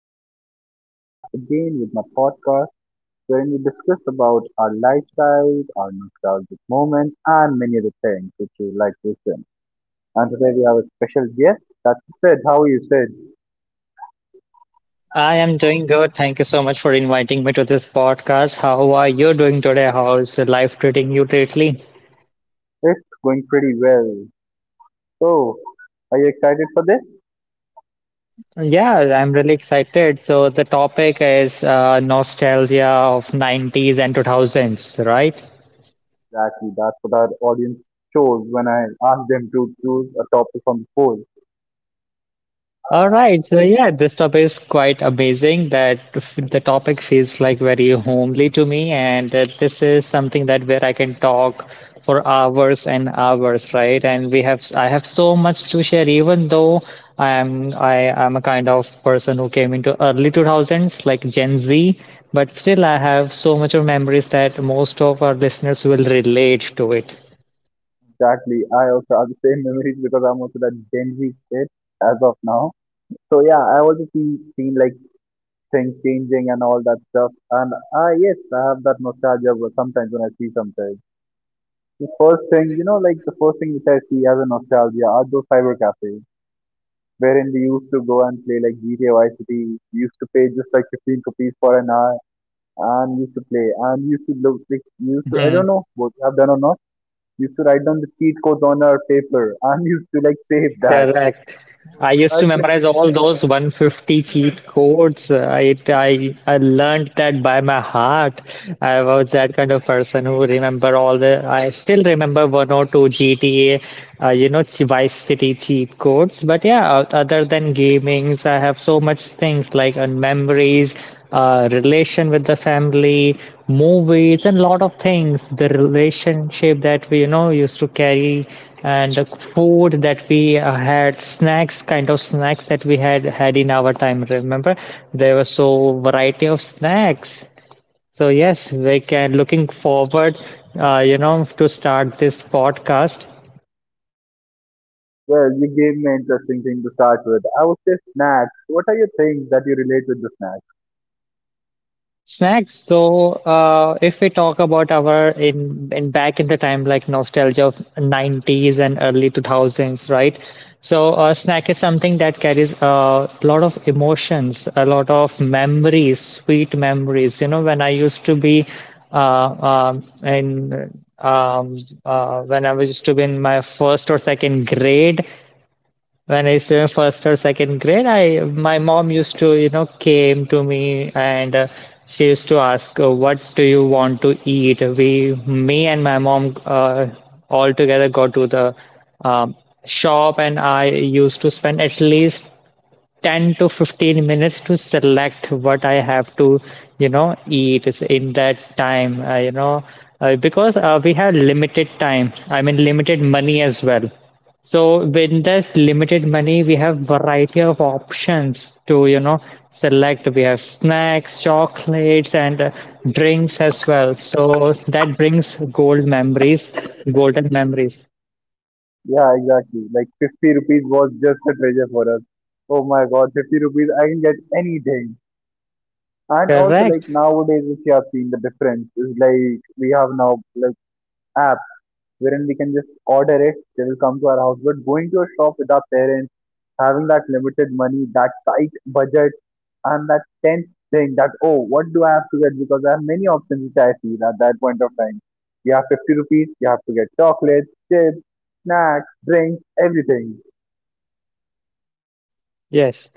Me, Alex, I'm back again with my podcast wherein we discuss about our lifestyle, our nostalgic moments, and many other things which you like to listen. And today we have a special guest. That's Sid. How are you, Sid? I am doing good. Thank you so much for inviting me to this podcast. How are you doing today? How is life treating you lately? It's going pretty well. So, are you excited for this? Yeah, I'm really excited. So the topic is nostalgia of 90s and 2000s, right? Exactly. That's what our audience chose when I asked them to choose a topic from the poll. All right, so yeah, this topic is quite amazing. The topic feels like very homely to me, and this is something that where I can talk for hours and hours, right? And we have I have so much to share, even though I am a kind of person who came into early 2000s, like Gen Z, but still I have so much of memories that most of our listeners will relate to it. Exactly. I also have the same memories because I'm also that Gen Z kid as of now. So yeah, I also seen like things changing and all that stuff. And yes, I have that nostalgia sometimes when I see something. The first thing, you know, like the first thing which I see as a nostalgia are those cyber cafes, wherein we used to go and play like GTA Vice City. We used to pay just like 15 rupees for an hour and used to play and used to look like we used to, I don't know what I've done or not. Used to write down the cheat codes on our paper and used to like save that. Correct. Was I a used to memorize treasure. all those 150 cheat codes. I learned that by my heart. I was that kind of person who remember all the. I still remember one or two GTA, Vice City cheat codes. But yeah, other than gamings, I have so much things like memories, relation with the family, movies, and a lot of things. The relationship that we used to carry, and the food that we had, snacks kind of snacks that we had in our time. Remember, there was so variety of snacks. So yes, we can looking forward, to start this podcast. Well, you gave me an interesting thing to start with. I would say snacks. What are your things that you relate with the snacks? Snacks. So, if we talk about our in back in the time, like nostalgia of 90s and early 2000s, right? So, snack is something that carries a lot of emotions, a lot of memories, sweet memories. You know, when I used to be in um, when I was used to be in my first or second grade, when I used to in first or second grade, I my mom used to came to me and, she used to ask, "What do you want to eat?" Me and my mom, all together go to the um, shop, and I used to spend at least 10 to 15 minutes to select what I have to, eat in that time, because we have limited time, I mean, limited money as well. So with that limited money, we have variety of options to, select. We have snacks, chocolates, and drinks as well. So that brings golden memories. Yeah, exactly. Like 50 rupees was just a treasure for us. Oh my god, 50 rupees, I can get anything. And also like Correct. nowadays, if you have seen the difference, is like we have now like apps wherein we can just order it, they will come to our house. But going to a shop with our parents, having that limited money, that tight budget, and that tenth thing that, oh, what do I have to get because I have many options which I feel at that point of time. You have 50 rupees, you have to get chocolates, chips, snacks, drinks, everything. Yes.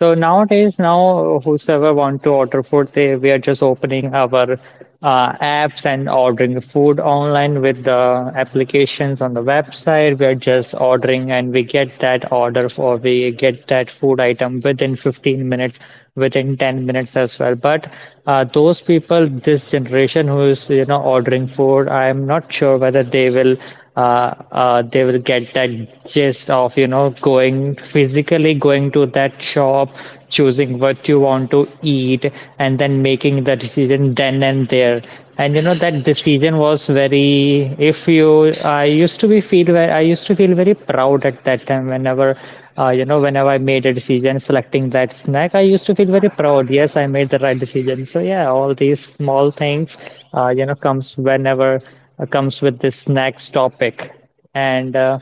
So nowadays, now whosoever want to order food, they we are just opening our apps and ordering food online with the applications on the website. We are just ordering and we get that food item within 15 minutes, within 10 minutes as well. But, those people, this generation who is ordering food, I am not sure whether they will get that gist of going physically, going to that shop, choosing what you want to eat, and then making the decision then and there. And that decision was very. If you, I used to be feel very I used to feel very proud at that time whenever, whenever I made a decision selecting that snack, I used to feel very proud. Yes, I made the right decision. So yeah, all these small things, uh, you know, comes whenever comes with this snacks topic. And,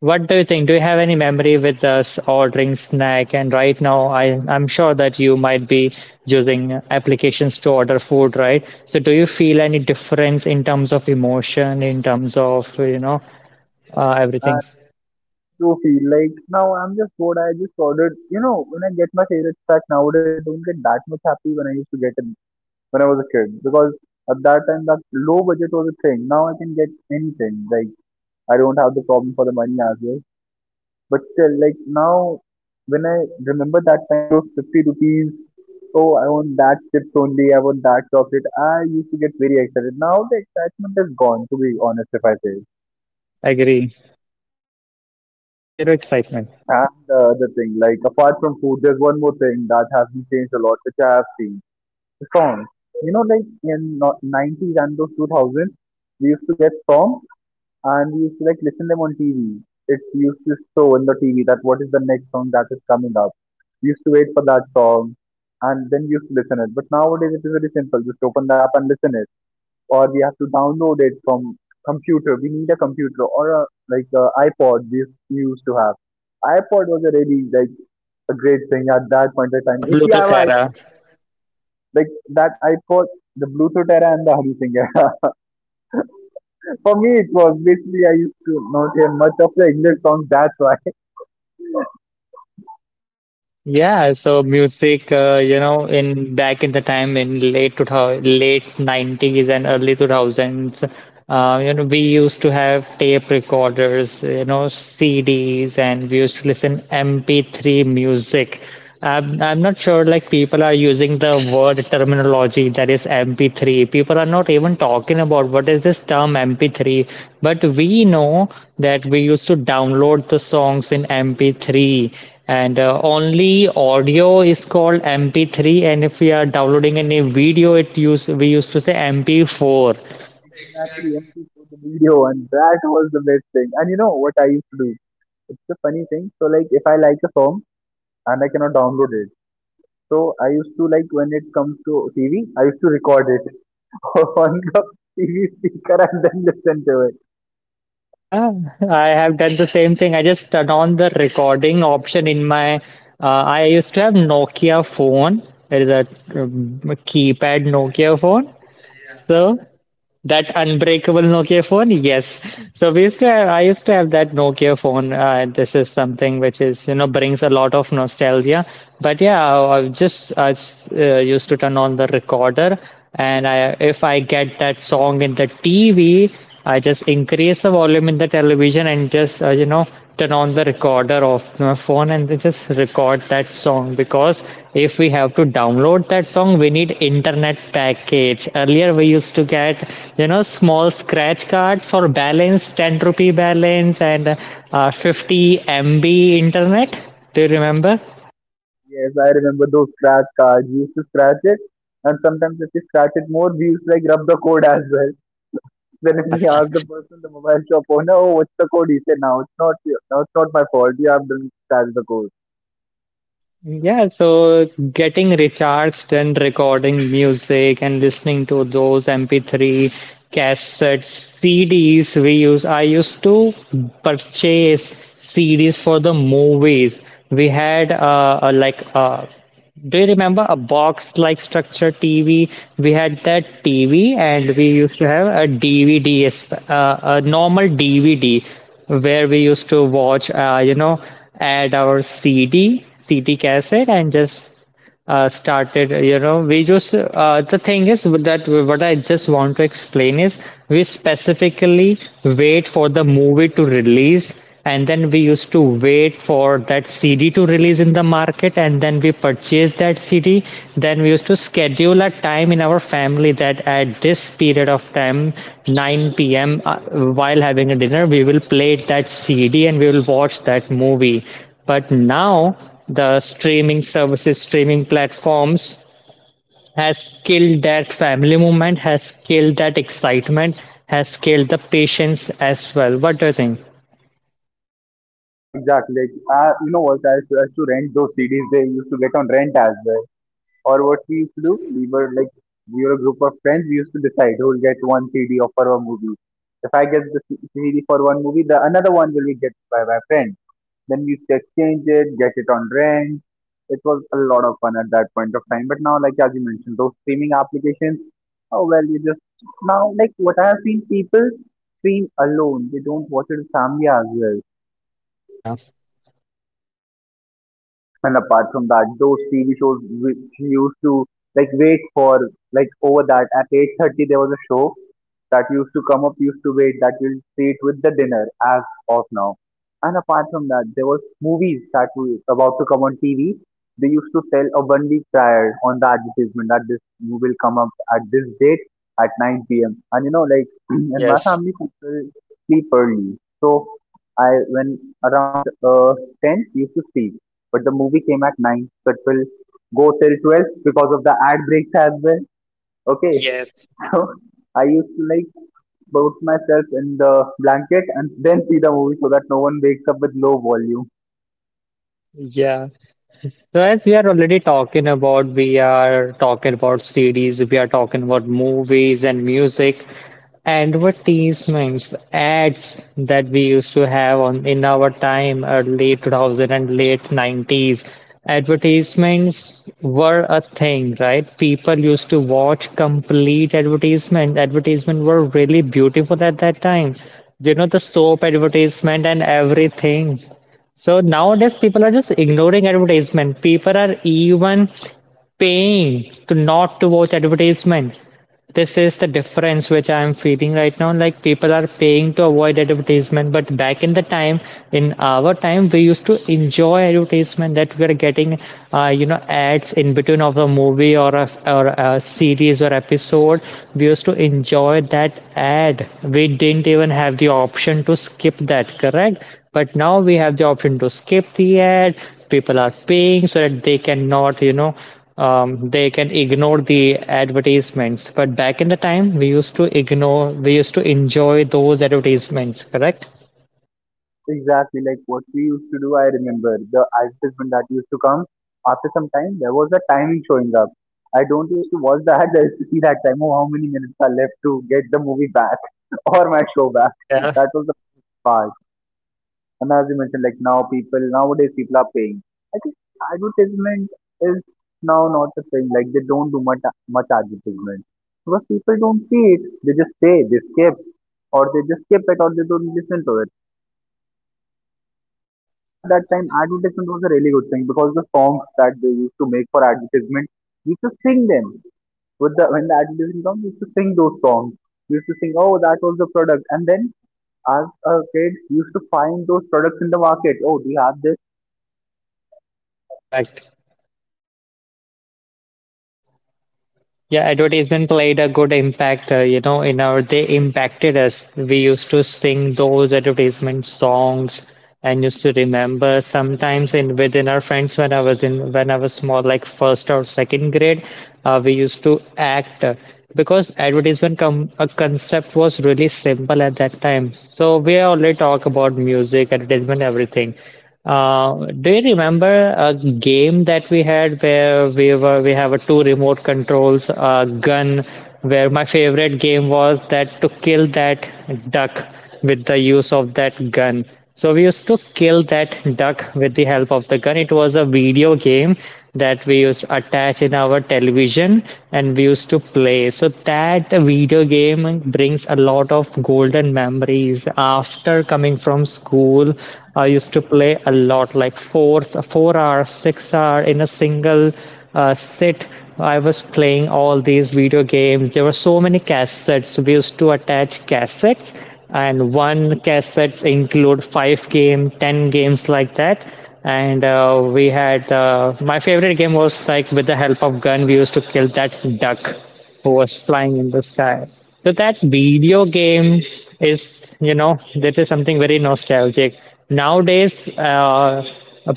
what do you think? Do you have any memory with us ordering snack? And right now, I'm sure that you might be using applications to order food, right? So do you feel any difference in terms of emotion, in terms of, everything? And you feel like now I'm just bored, I just ordered, you know, when I get my favorite snack nowadays, I don't get that much happy when I used to get it when I was a kid. Because at that time that low budget was a thing, now I can get anything. Like, I don't have the problem for the money as well, but still like now when I remember that time, those 50 rupees. Oh, I want that chips only. I want that chocolate. I used to get very excited. Now the excitement is gone, to be honest, if I say. Agree. So zero excitement. And the other thing, like apart from food, there's one more thing that has been changed a lot, which I have seen. The songs. You know, like in 90s and those 2000s, we used to get songs and we used to like listen them on TV. It used to show in the TV that what is the next song that is coming up. We used to wait for that song and then we used to listen it. But nowadays it is very simple. Just open the app and listen it, or we have to download it from computer. We need a computer or a like a iPod we used to have. iPod was a really like a great thing at that point of time. The If Blue you have I Tessera. like that iPod, the Bluetooth era and the Hari Singh era. For me, it was basically I used to not hear much of the English songs. That's why. Yeah, so music, in back in the time in late 2000, late 90s and early 2000s, we used to have tape recorders, CDs, and we used to listen MP3 music. I'm not sure, like, people are using the word terminology that is MP3. People are not even talking about what is this term MP3, but we know that we used to download the songs in MP3. And only audio is called MP3, and if we are downloading any video, it use we used to say MP4. Exactly, mp for the video, and that was the best thing. And you know what I used to do? It's a funny thing. So like, if I like a song and I cannot download it, so I used to like, when it comes to TV, I used to record it on the TV speaker and then listen to it. Yeah, I have done the same thing. I just turned on the recording option in my I used to have nokia phone. It is a, keypad nokia phone. So that unbreakable Nokia phone? Yes. So we used to have, I used to have that Nokia phone. This is something which brings a lot of nostalgia. But yeah, I used to turn on the recorder, and, if I get that song in the TV, I just increase the volume in the television and just turn on the recorder of my phone and just record that song. Because if we have to download that song, we need internet package. Earlier we used to get small scratch cards for balance, 10 rupee balance, and 50 MB internet. Do you remember Yes, I remember those scratch cards. We used to scratch it, and sometimes if we scratch it more, we used to like rub the code as well. Then if Yeah, we ask the person, the mobile shop owner, "Oh, no, what's the code?" He said, "No, it's not. No, it's not my fault. You have done scratch the code." yeah, so getting recharged and recording music and listening to those MP3 cassettes, CDs we use. I used to purchase CDs for the movies. We had, like a. Do you remember a box like structure TV? We had that TV, and we used to have a DVD, a normal DVD, where we used to watch, add our CD, CD cassette, and just started. You know we just The thing is that what I just want to explain is, we specifically wait for the movie to release, and then we used to wait for that cd to release in the market, and then we purchased that cd. Then we used to schedule a time in our family that at this period of time 9 p.m, while having a dinner we will play that cd and we will watch that movie. But now the streaming services, streaming platforms has killed that family moment, has killed that excitement, has killed the patience as well. What do you think? Yeah, exactly. Like, you know what? I used to rent those CDs. They used to get on rent as well. Or what we used to do, Yes. we were a group of friends, we used to decide who will get one CD of for a movie. If I get the CD for one movie, the another one will be get by my friend. Then we used to exchange it, get it on rent. It was a lot of fun at that point of time. But now, like as you mentioned, those streaming applications, oh well, you just now like what I have seen, people stream alone. They don't watch it with family as well. Yeah. And apart from that, those TV shows which we used to like wait for, like over that at 8:30 there was a show that used to come up, used to wait that you'll see it with the dinner as of now. And apart from that, there was movies that were about to come on TV. They used to tell a one week prior on the advertisement that this movie will come up at this date at 9 p.m. And you know, like, in my Yes. family people sleep early, so I when around 10 used to sleep but the movie came at 9, so it will go till 12 because of the ad breaks as well. Okay, Yes. so I used to like bounce myself in the blanket and then see the movie so that no one wakes up with low volume. Yeah. Mm-hmm. So as we are already talking about, we are talking about series, we are talking about movies and music, advertisements, ads that we used to have on in our time, early 2000 and late 90s. Advertisements were a thing, right? People used to watch complete advertisement. Advertisement were really beautiful at that time. You know, the soap advertisement and everything. So nowadays, people are just ignoring advertisement. People are even paying to not to watch advertisement. This is the difference which I am feeling right now, like people are paying to avoid advertisement. But back in the time, in our time, we used to enjoy advertisement that we are getting, ads in between of a movie, or a series or episode. We used to enjoy that ad. We didn't even have the option to skip that, correct? But now we have the option to skip the ad. People are paying so that they cannot, they can ignore the advertisements. But back in the time, we used to ignore, we used to enjoy those advertisements, correct? Exactly like what we used to do, I remember the advertisement that used to come after some time, there was a timing showing up. I don't used to watch the ads, I used to see that time, oh, how many minutes are left to get the movie back or my show back. Yeah, That was the part. And as you mentioned, like now people nowadays people are paying. I think advertisement is now not a thing. Like they don't do much much advertisement because people don't see it. They just pay, they skip, or they just skip it, or they don't listen to it. Back that time, advertisement was a really good thing because the songs that they used to make for advertisement, we used to sing them with the when the advertisement comes, we used to sing those songs. We used to sing, oh, that was the product. And then as a kid, we used to find those products in the market. Oh, do you have. correct. Yeah, advertisement played a good impact, in our, they impacted us. We used to sing those advertisement songs and used to remember sometimes in within our friends, when I was small, like first or second grade. We used to act, because advertisement com a concept was really simple at that time. So we only talk about music, advertisement, everything. Do you remember a game that we had where we have a two remote controls, a gun, where my favorite game was that to kill that duck with the use of that gun. So we used to kill that duck with the help of the gun. It was a video game that we used to attach in our television, and we used to play so that video game brings a lot of golden memories. After coming from school I used to play a lot, like four hours, 6 hours in a single, sit. I was playing all these video games. There were so many cassettes. We used to attach cassettes, and one cassettes include five game, ten games like that. And we had my favorite game was like, with the help of gun, we used to kill that duck who was flying in the sky. So that video game is, you know, that is something very nostalgic. Nowadays,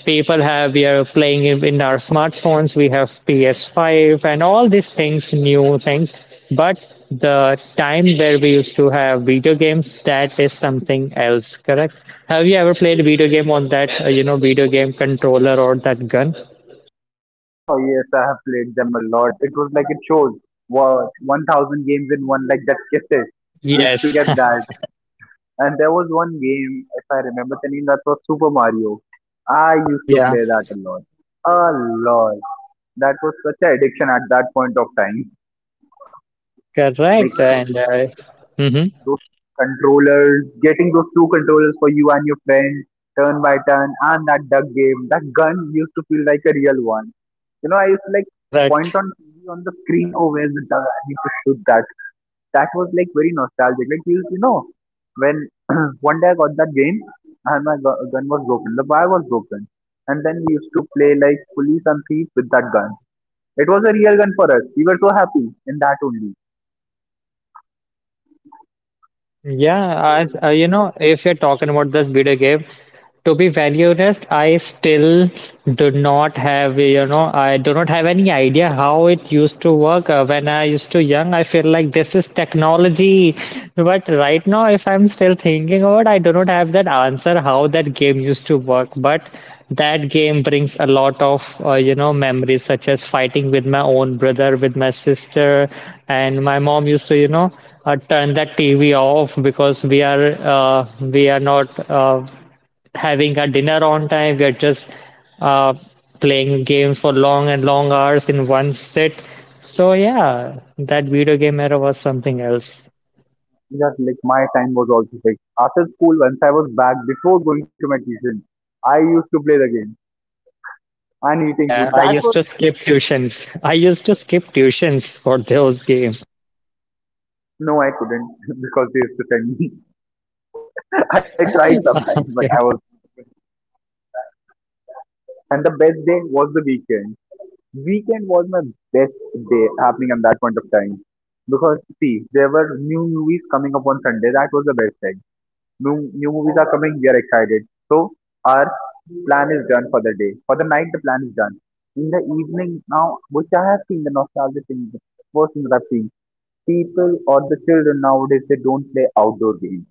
people have we are playing in our smartphones. We have PS5 and all these things, new things. But the time where we used to have video games, that is something else. Correct? Have you ever played a video game on that, video game controller or that gun? Oh yes, I have played them a lot. It was like it shows what 1,000 games in one, like that kisses. We used to Yes. get that. And there was one game, if I remember the name, that was Super Mario. I used to Yeah. play that a lot. A lot. That was such an addiction at that point of time. Correct. And. Mhm. Those controllers, getting those two controllers for you and your friend, turn by turn, and that duck game, that gun used to feel like a real one. You know, I used to like point Correct. on the screen, oh, where's the duck? I need to shoot that. That was like very nostalgic. Like, you know, when one day I got that game, and my gun was broken, the wire was broken. And then we used to play like police and thief with that gun. It was a real gun for us. We were so happy in that only. Yeah, if you're talking about this video game, to be very honest, I still do not I do not have any idea how it used to work. When I used to young, I feel like this is technology. But right now, if I'm still thinking about, I do not have that answer how that game used to work. But that game brings a lot of, memories such as fighting with my own brother, with my sister, and my mom used to turn that TV off because we are not. Having our dinner on time. We are just uh, playing games for long and long hours in one sit. So yeah, that video game era was something else. Yes, like my time was also like after school once I was back before going to my tuition, I used to play the game and eating Yeah, food. I That used was to skip tuitions. I used to skip tuitions for those games. no, I couldn't because they used to send me. I tried sometimes, but Okay. I was and the best day was weekend. Weekend was my best day happening at that point of time because see there were new movies coming up on Sunday. That was the best day. New, new movies are coming. We are excited. So our plan is done for the day. For the night, the plan is done. In the evening now, which I have seen the nostalgia thing, the first thing that I've seen, people or the children nowadays, they don't play outdoor games.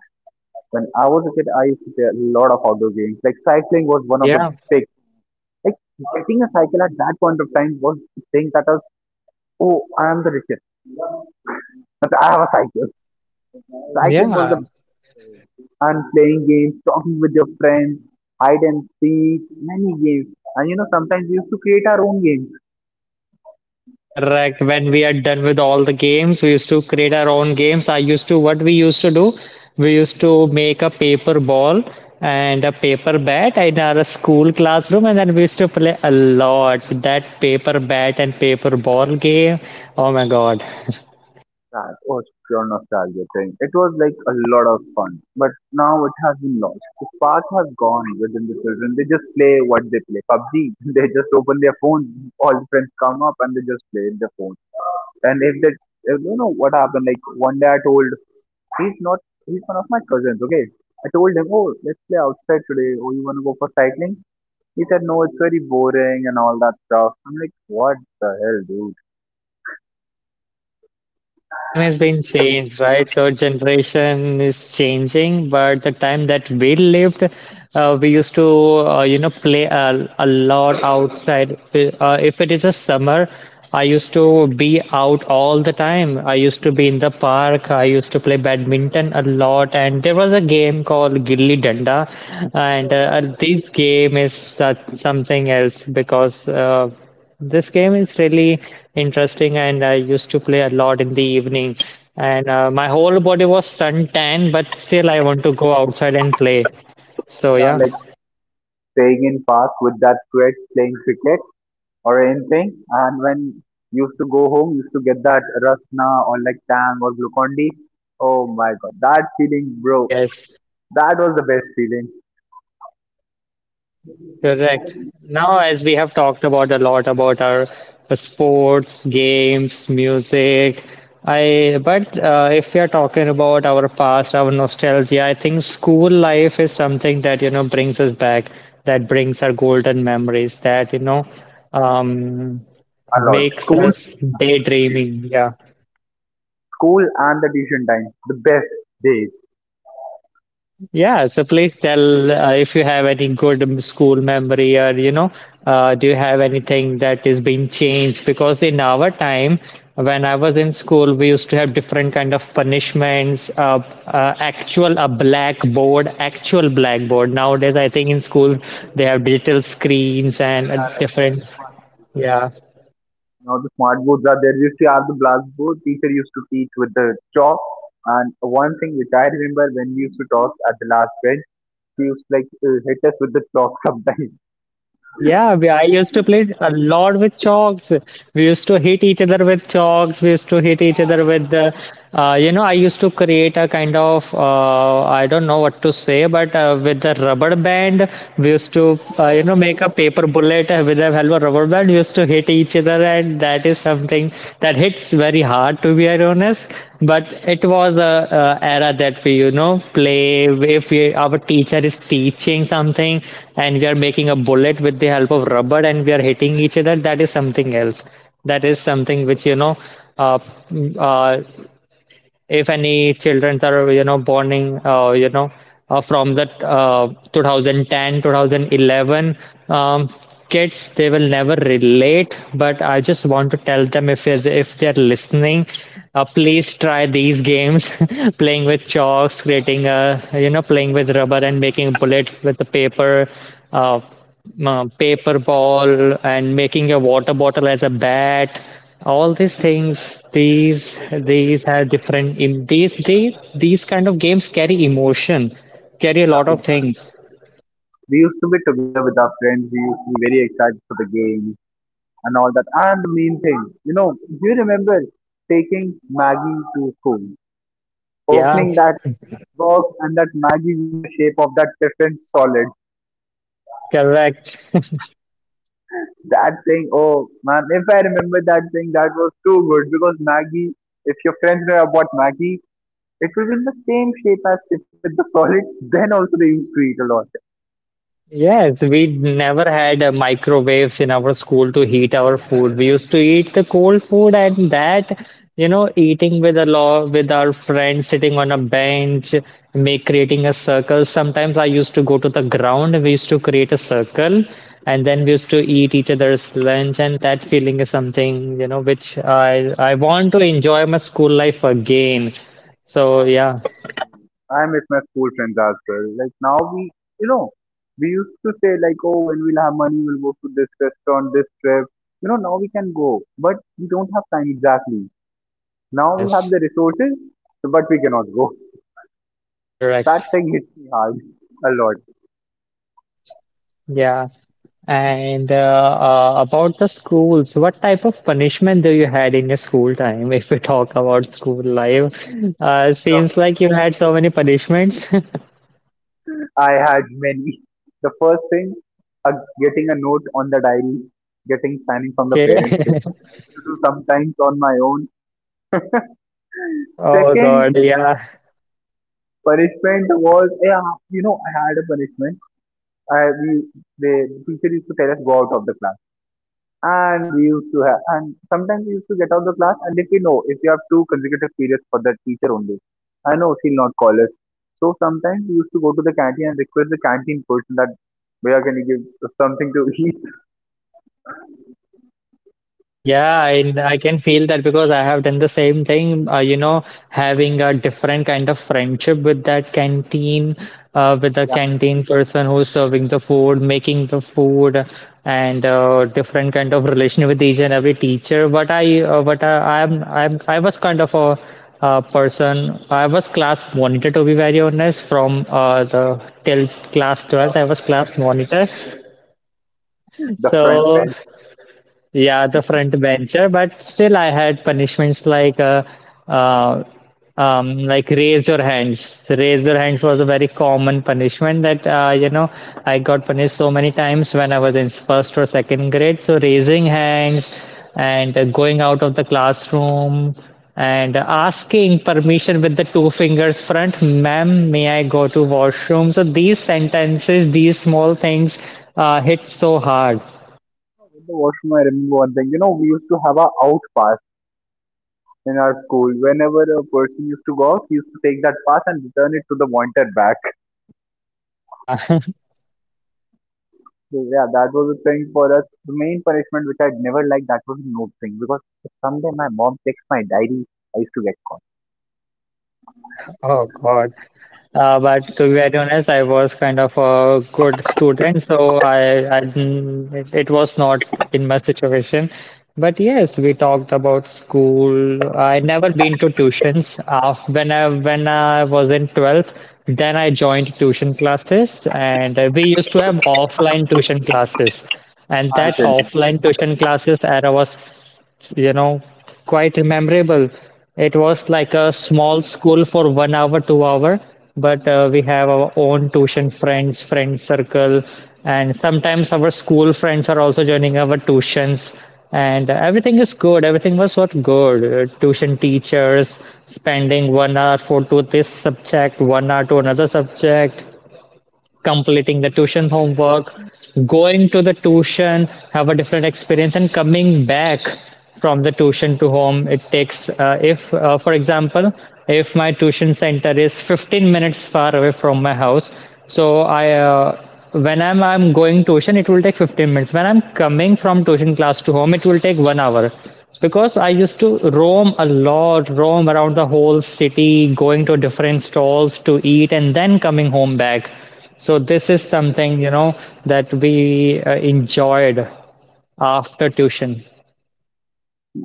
When I was a kid, I used to play a lot of outdoor games. Like cycling was one of the Yeah, big, like getting a cycle at that point of time was the thing that was, oh, I am the richest. But I have a cycle. Cycling was the yeah. and playing games, talking with your friends, hide and seek, many games. And you know, sometimes we used to create our own games. Correct. When we are done with all the games, we used to create our own games. I used to, what we used to do, we used to make a paper ball and a paper bat in our school classroom, and then we used to play a lot that paper bat and paper ball game. Oh my god. That was pure nostalgia thing. It was like a lot of fun. But now it has been lost. The spark has gone within the children. They just play what they play. PUBG, they just open their phones. All the friends come up and they just play in their phones. And if, you know what happened, like one day I told, he's not, he's one of my cousins, okay? I told him, oh, let's play outside today. Oh, you want to go for cycling? He said, no, it's very boring and all that stuff. I'm like, what the hell, dude? Time has been changed, right? So generation is changing, but the time that we lived, we used to play a lot outside. If it is a summer, I used to be out all the time. I used to be in the park. I used to play badminton a lot, and there was a game called Gilli Danda, and this game is such, something else because this game is really interesting, and I used to play a lot in the evening. And my whole body was suntan, but still I want to go outside and play. So You are yeah, like staying in park with that sweat playing cricket or anything. And when you used to go home, you used to get that Rasna or like Tang or Glucondi. Oh my god, that feeling, bro. yes. That was the best feeling. Correct. Now, as we have talked about a lot about our sports, games, music, I but if we are talking about our past, our nostalgia, I think school life is something that you know brings us back, that brings our golden memories, that you know um, A lot. makes us daydreaming. Yeah. School and the tuition time. The best days. Yeah, so please tell if you have any good school memory or you know, do you have anything that is being changed? Because in our time, when I was in school, we used to have different kind of punishments, actual a blackboard, actual blackboard. Nowadays, I think in school they have digital screens and Yeah, like, different. smart- Yeah. Now the smart boards are there. We used to have the blackboard. Teacher used to teach with the chalk. And one thing which I remember when we used to talk at the last bench, she used to like hit us with the chalk sometimes. I used to play a lot with chalks. We used to hit each other with chalks. We used to hit each other with the, I used to create a kind of, I don't know what to say, but with the rubber band, we used to make a paper bullet with the help of rubber band. We used to hit each other and that is something that hits very hard to be honest, but it was a era that we you know play if we, our teacher is teaching something and we are making a bullet with the help of rubber and we are hitting each other. That is something else. That is something which you know uh, uh, if any children are you know born in from the 2010 2011 um, kids, they will never relate, but I just want to tell them if if they're listening, please try these games. Playing with chalks, creating a you know playing with rubber and making bullet with the paper, uh, paper ball and making a water bottle as a bat. All these things, these are different in these, they these kind of games carry emotion, carry a lot Yeah. of things. We used to be together with our friends. We used to be very excited for the game and all that. And the main thing, you know, do you remember taking Maggie to school, Yeah, opening that box and that Maggie in the shape of that different solid? correct. That thing, oh man, if I remember that thing, that was too good because Maggie, if your friends know about Maggie, it was in the same shape as Tiffin with the solid. Then also they used to eat a lot. Yes, we never had microwaves in our school to heat our food. We used to eat the cold food and that, you know, eating with a law with our friends, sitting on a bench, make creating a circle. Sometimes I used to go to the ground. We used to create a circle, and then we used to eat each other's lunch. And that feeling is something, you know, which I want to enjoy my school life again. So yeah, I miss my school friends as well. Like now we, you know, we used to say like, oh, when we'll have money, we'll go to this restaurant, this trip. You know, now we can go, but we don't have time exactly. Now we have yes, the resources, but we cannot go. That correct. thing hits me hard a lot. Yeah. And about the schools, what type of punishment do you had in your school time? If we talk about school life, So seems like you had so many punishments. I had many. The first thing, uh, getting a note on the diary, getting signing from the Okay. parents, which I do sometimes on my own. Oh God, Second yeah. punishment was, yeah, you know, I had a punishment I, we, the teacher used to tell us go out of the class, and we used to have, and sometimes we used to get out of the class, and they say no, if you have two consecutive periods for that teacher only, I know she'll not call us. So sometimes we used to go to the canteen and request the canteen person that where can you give us something to eat? I can feel that because I have done the same thing. You know, having a different kind of friendship with that canteen, with the Yeah, canteen person who's serving the food, making the food, and different kind of relation with each and every teacher. But I, I'm, I was kind of a person. I was class monitor to be very honest. From the till class the 12th, I was class monitor. the front So bench. yeah, the front bencher, but still I had punishments uh, like raise your hands. The raise your hands was a very common punishment that you know I got punished so many times when I was in first or second grade. So raising hands and going out of the classroom and asking permission with the two fingers front, ma'am, may I go to washroom? So these sentences, these small things hit so hard. The washroom. I remember one thing. You know, we used to have a out pass in our school. Whenever a person used to go out, he used to take that pass and return it to the wanted bag. Yeah. So, yeah, that was a thing for us. The main punishment which I'd never liked, that was note thing. Because if someday my mom checks my diary, I used to get caught. Oh God. But to be very honest, I was kind of a good student, so I it, it was not in my situation. But yes, we talked about school. I never been to tuitions. When I was in 12th, then I joined tuition classes, and we used to have offline tuition classes, and I'll that tell. offline tuition classes era was, you know, quite memorable. It was like a small school for 1 hour, 2 hour, but we have our own tuition friends, friend circle, and sometimes our school friends are also joining our tuitions. And everything is good. Everything was what good. Tuition teachers spending 1 hour for to this subject, 1 hour to another subject, completing the tuition homework, going to the tuition, have a different experience, and coming back from the tuition to home. It takes, if, for example, if my tuition center is 15 minutes far away from my house, so I'm going tuition, it will take 15 minutes. When I'm coming from tuition class to home, it will take 1 hour because I used to roam a lot, roam around the whole city, going to different stalls to eat, and then coming home back. So this is something, you know, that we enjoyed after tuition.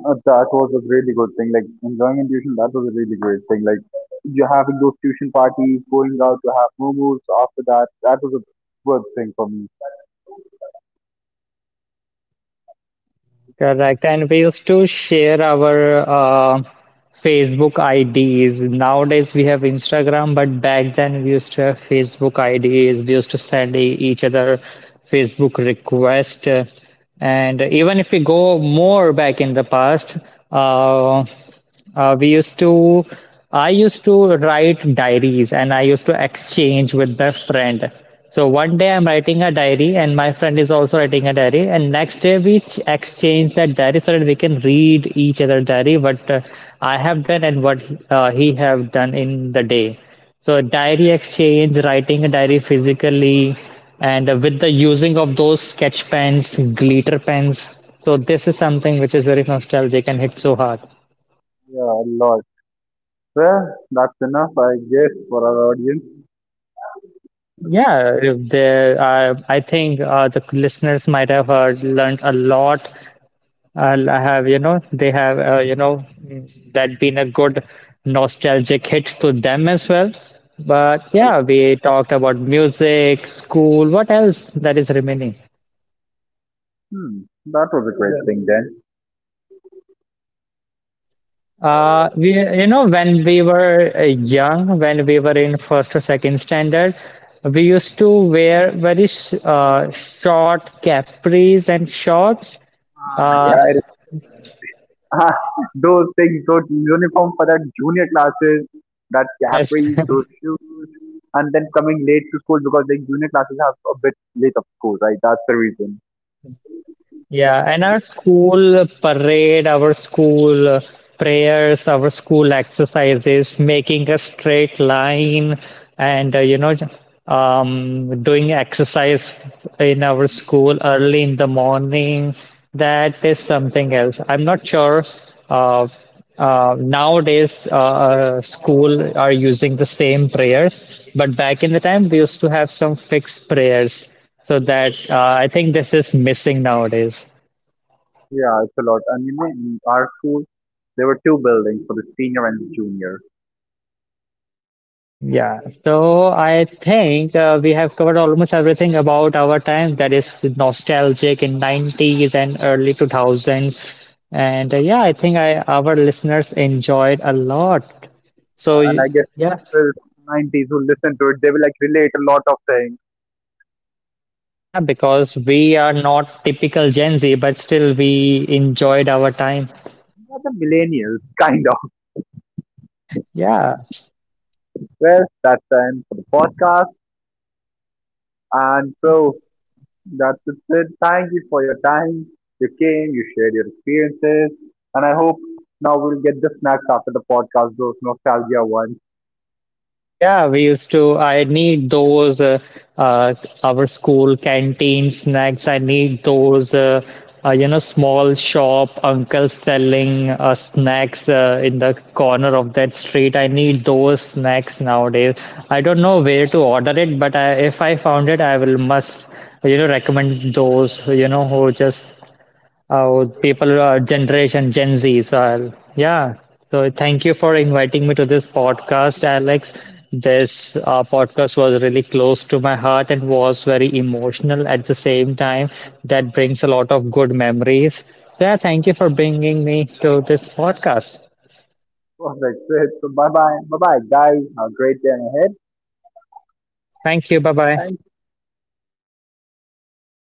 That was a really good thing. Like enjoying in tuition, that was a really great thing. Like you having those tuition parties, going out to have momos after that, that was a good thing for me. Correct. And we used to share our Facebook IDs. Nowadays we have Instagram, but back then we used to have Facebook IDs. We used to send each other Facebook request. And even if we go more back in the past, uh, Uh, we used to, I used to write diaries and I used to exchange with my friend. So one day I'm writing a diary and my friend is also writing a diary. And next day we exchange that diary so that we can read each other diary what I have done and what he have done in the day. So diary exchange, writing a diary physically, and with the using of those sketch pens, glitter pens. So this is something which is very nostalgic and hit so hard. Yeah, a lot. Well, that's enough, I guess, for our audience. Yeah, if I think the listeners might have heard, learned a lot. I have you know they have that been a good nostalgic hit to them as well. But Uh, yeah, we talked about music, school. What else that is remaining? Hmm, that was a great thing then. We you know when we were young, when we were in first or second standard, we used to wear very short capris and shorts. Uh, Yeah, it, those things, those uniform for that junior classes, that Yes, capris, those shoes, and then coming late to school because the junior classes have a bit late of school, right? That's the reason. yeah, and our school parade, our school prayers, our school exercises, making a straight line, and doing exercise in our school early in the morning. That is something else. I'm not sure. Uh, Nowadays, school are using the same prayers, but back in the time, we used to have some fixed prayers. So that I think this is missing nowadays. Yeah, it's a lot. And you know, in our school, there were two buildings for the senior and the junior. Yeah. So I think we have covered almost everything about our time that is nostalgic in 90s and early 2000s. And yeah, I think I our listeners enjoyed a lot. So And y- I guess yeah, the 90s who listen to it, they will like relate a lot of things. yeah, because we are not typical Gen Z, but still we enjoyed our time. They the millennials, kind of. Yeah. Well, that's the end for the podcast. And so that's it. Thank you for your time. You came, you shared your experiences. And I hope now we'll get the snacks after the podcast, those nostalgia ones. Yeah, we used to. I need those uh, our school canteen snacks. I need those you know small shop uncles selling snacks in the corner of that street. I need those snacks nowadays. I don't know where to order it, but if I found it, I will must you know recommend those you know who just oh, people are generation Gen Z. So, yeah. So, thank you for inviting me to this podcast, Alex. This podcast was really close to my heart and was very emotional at the same time. That brings a lot of good memories. So, yeah, thank you for bringing me to this podcast. Well, that's it. So bye bye. Bye bye, guys. Have a great day ahead. Thank you. Bye bye. Thank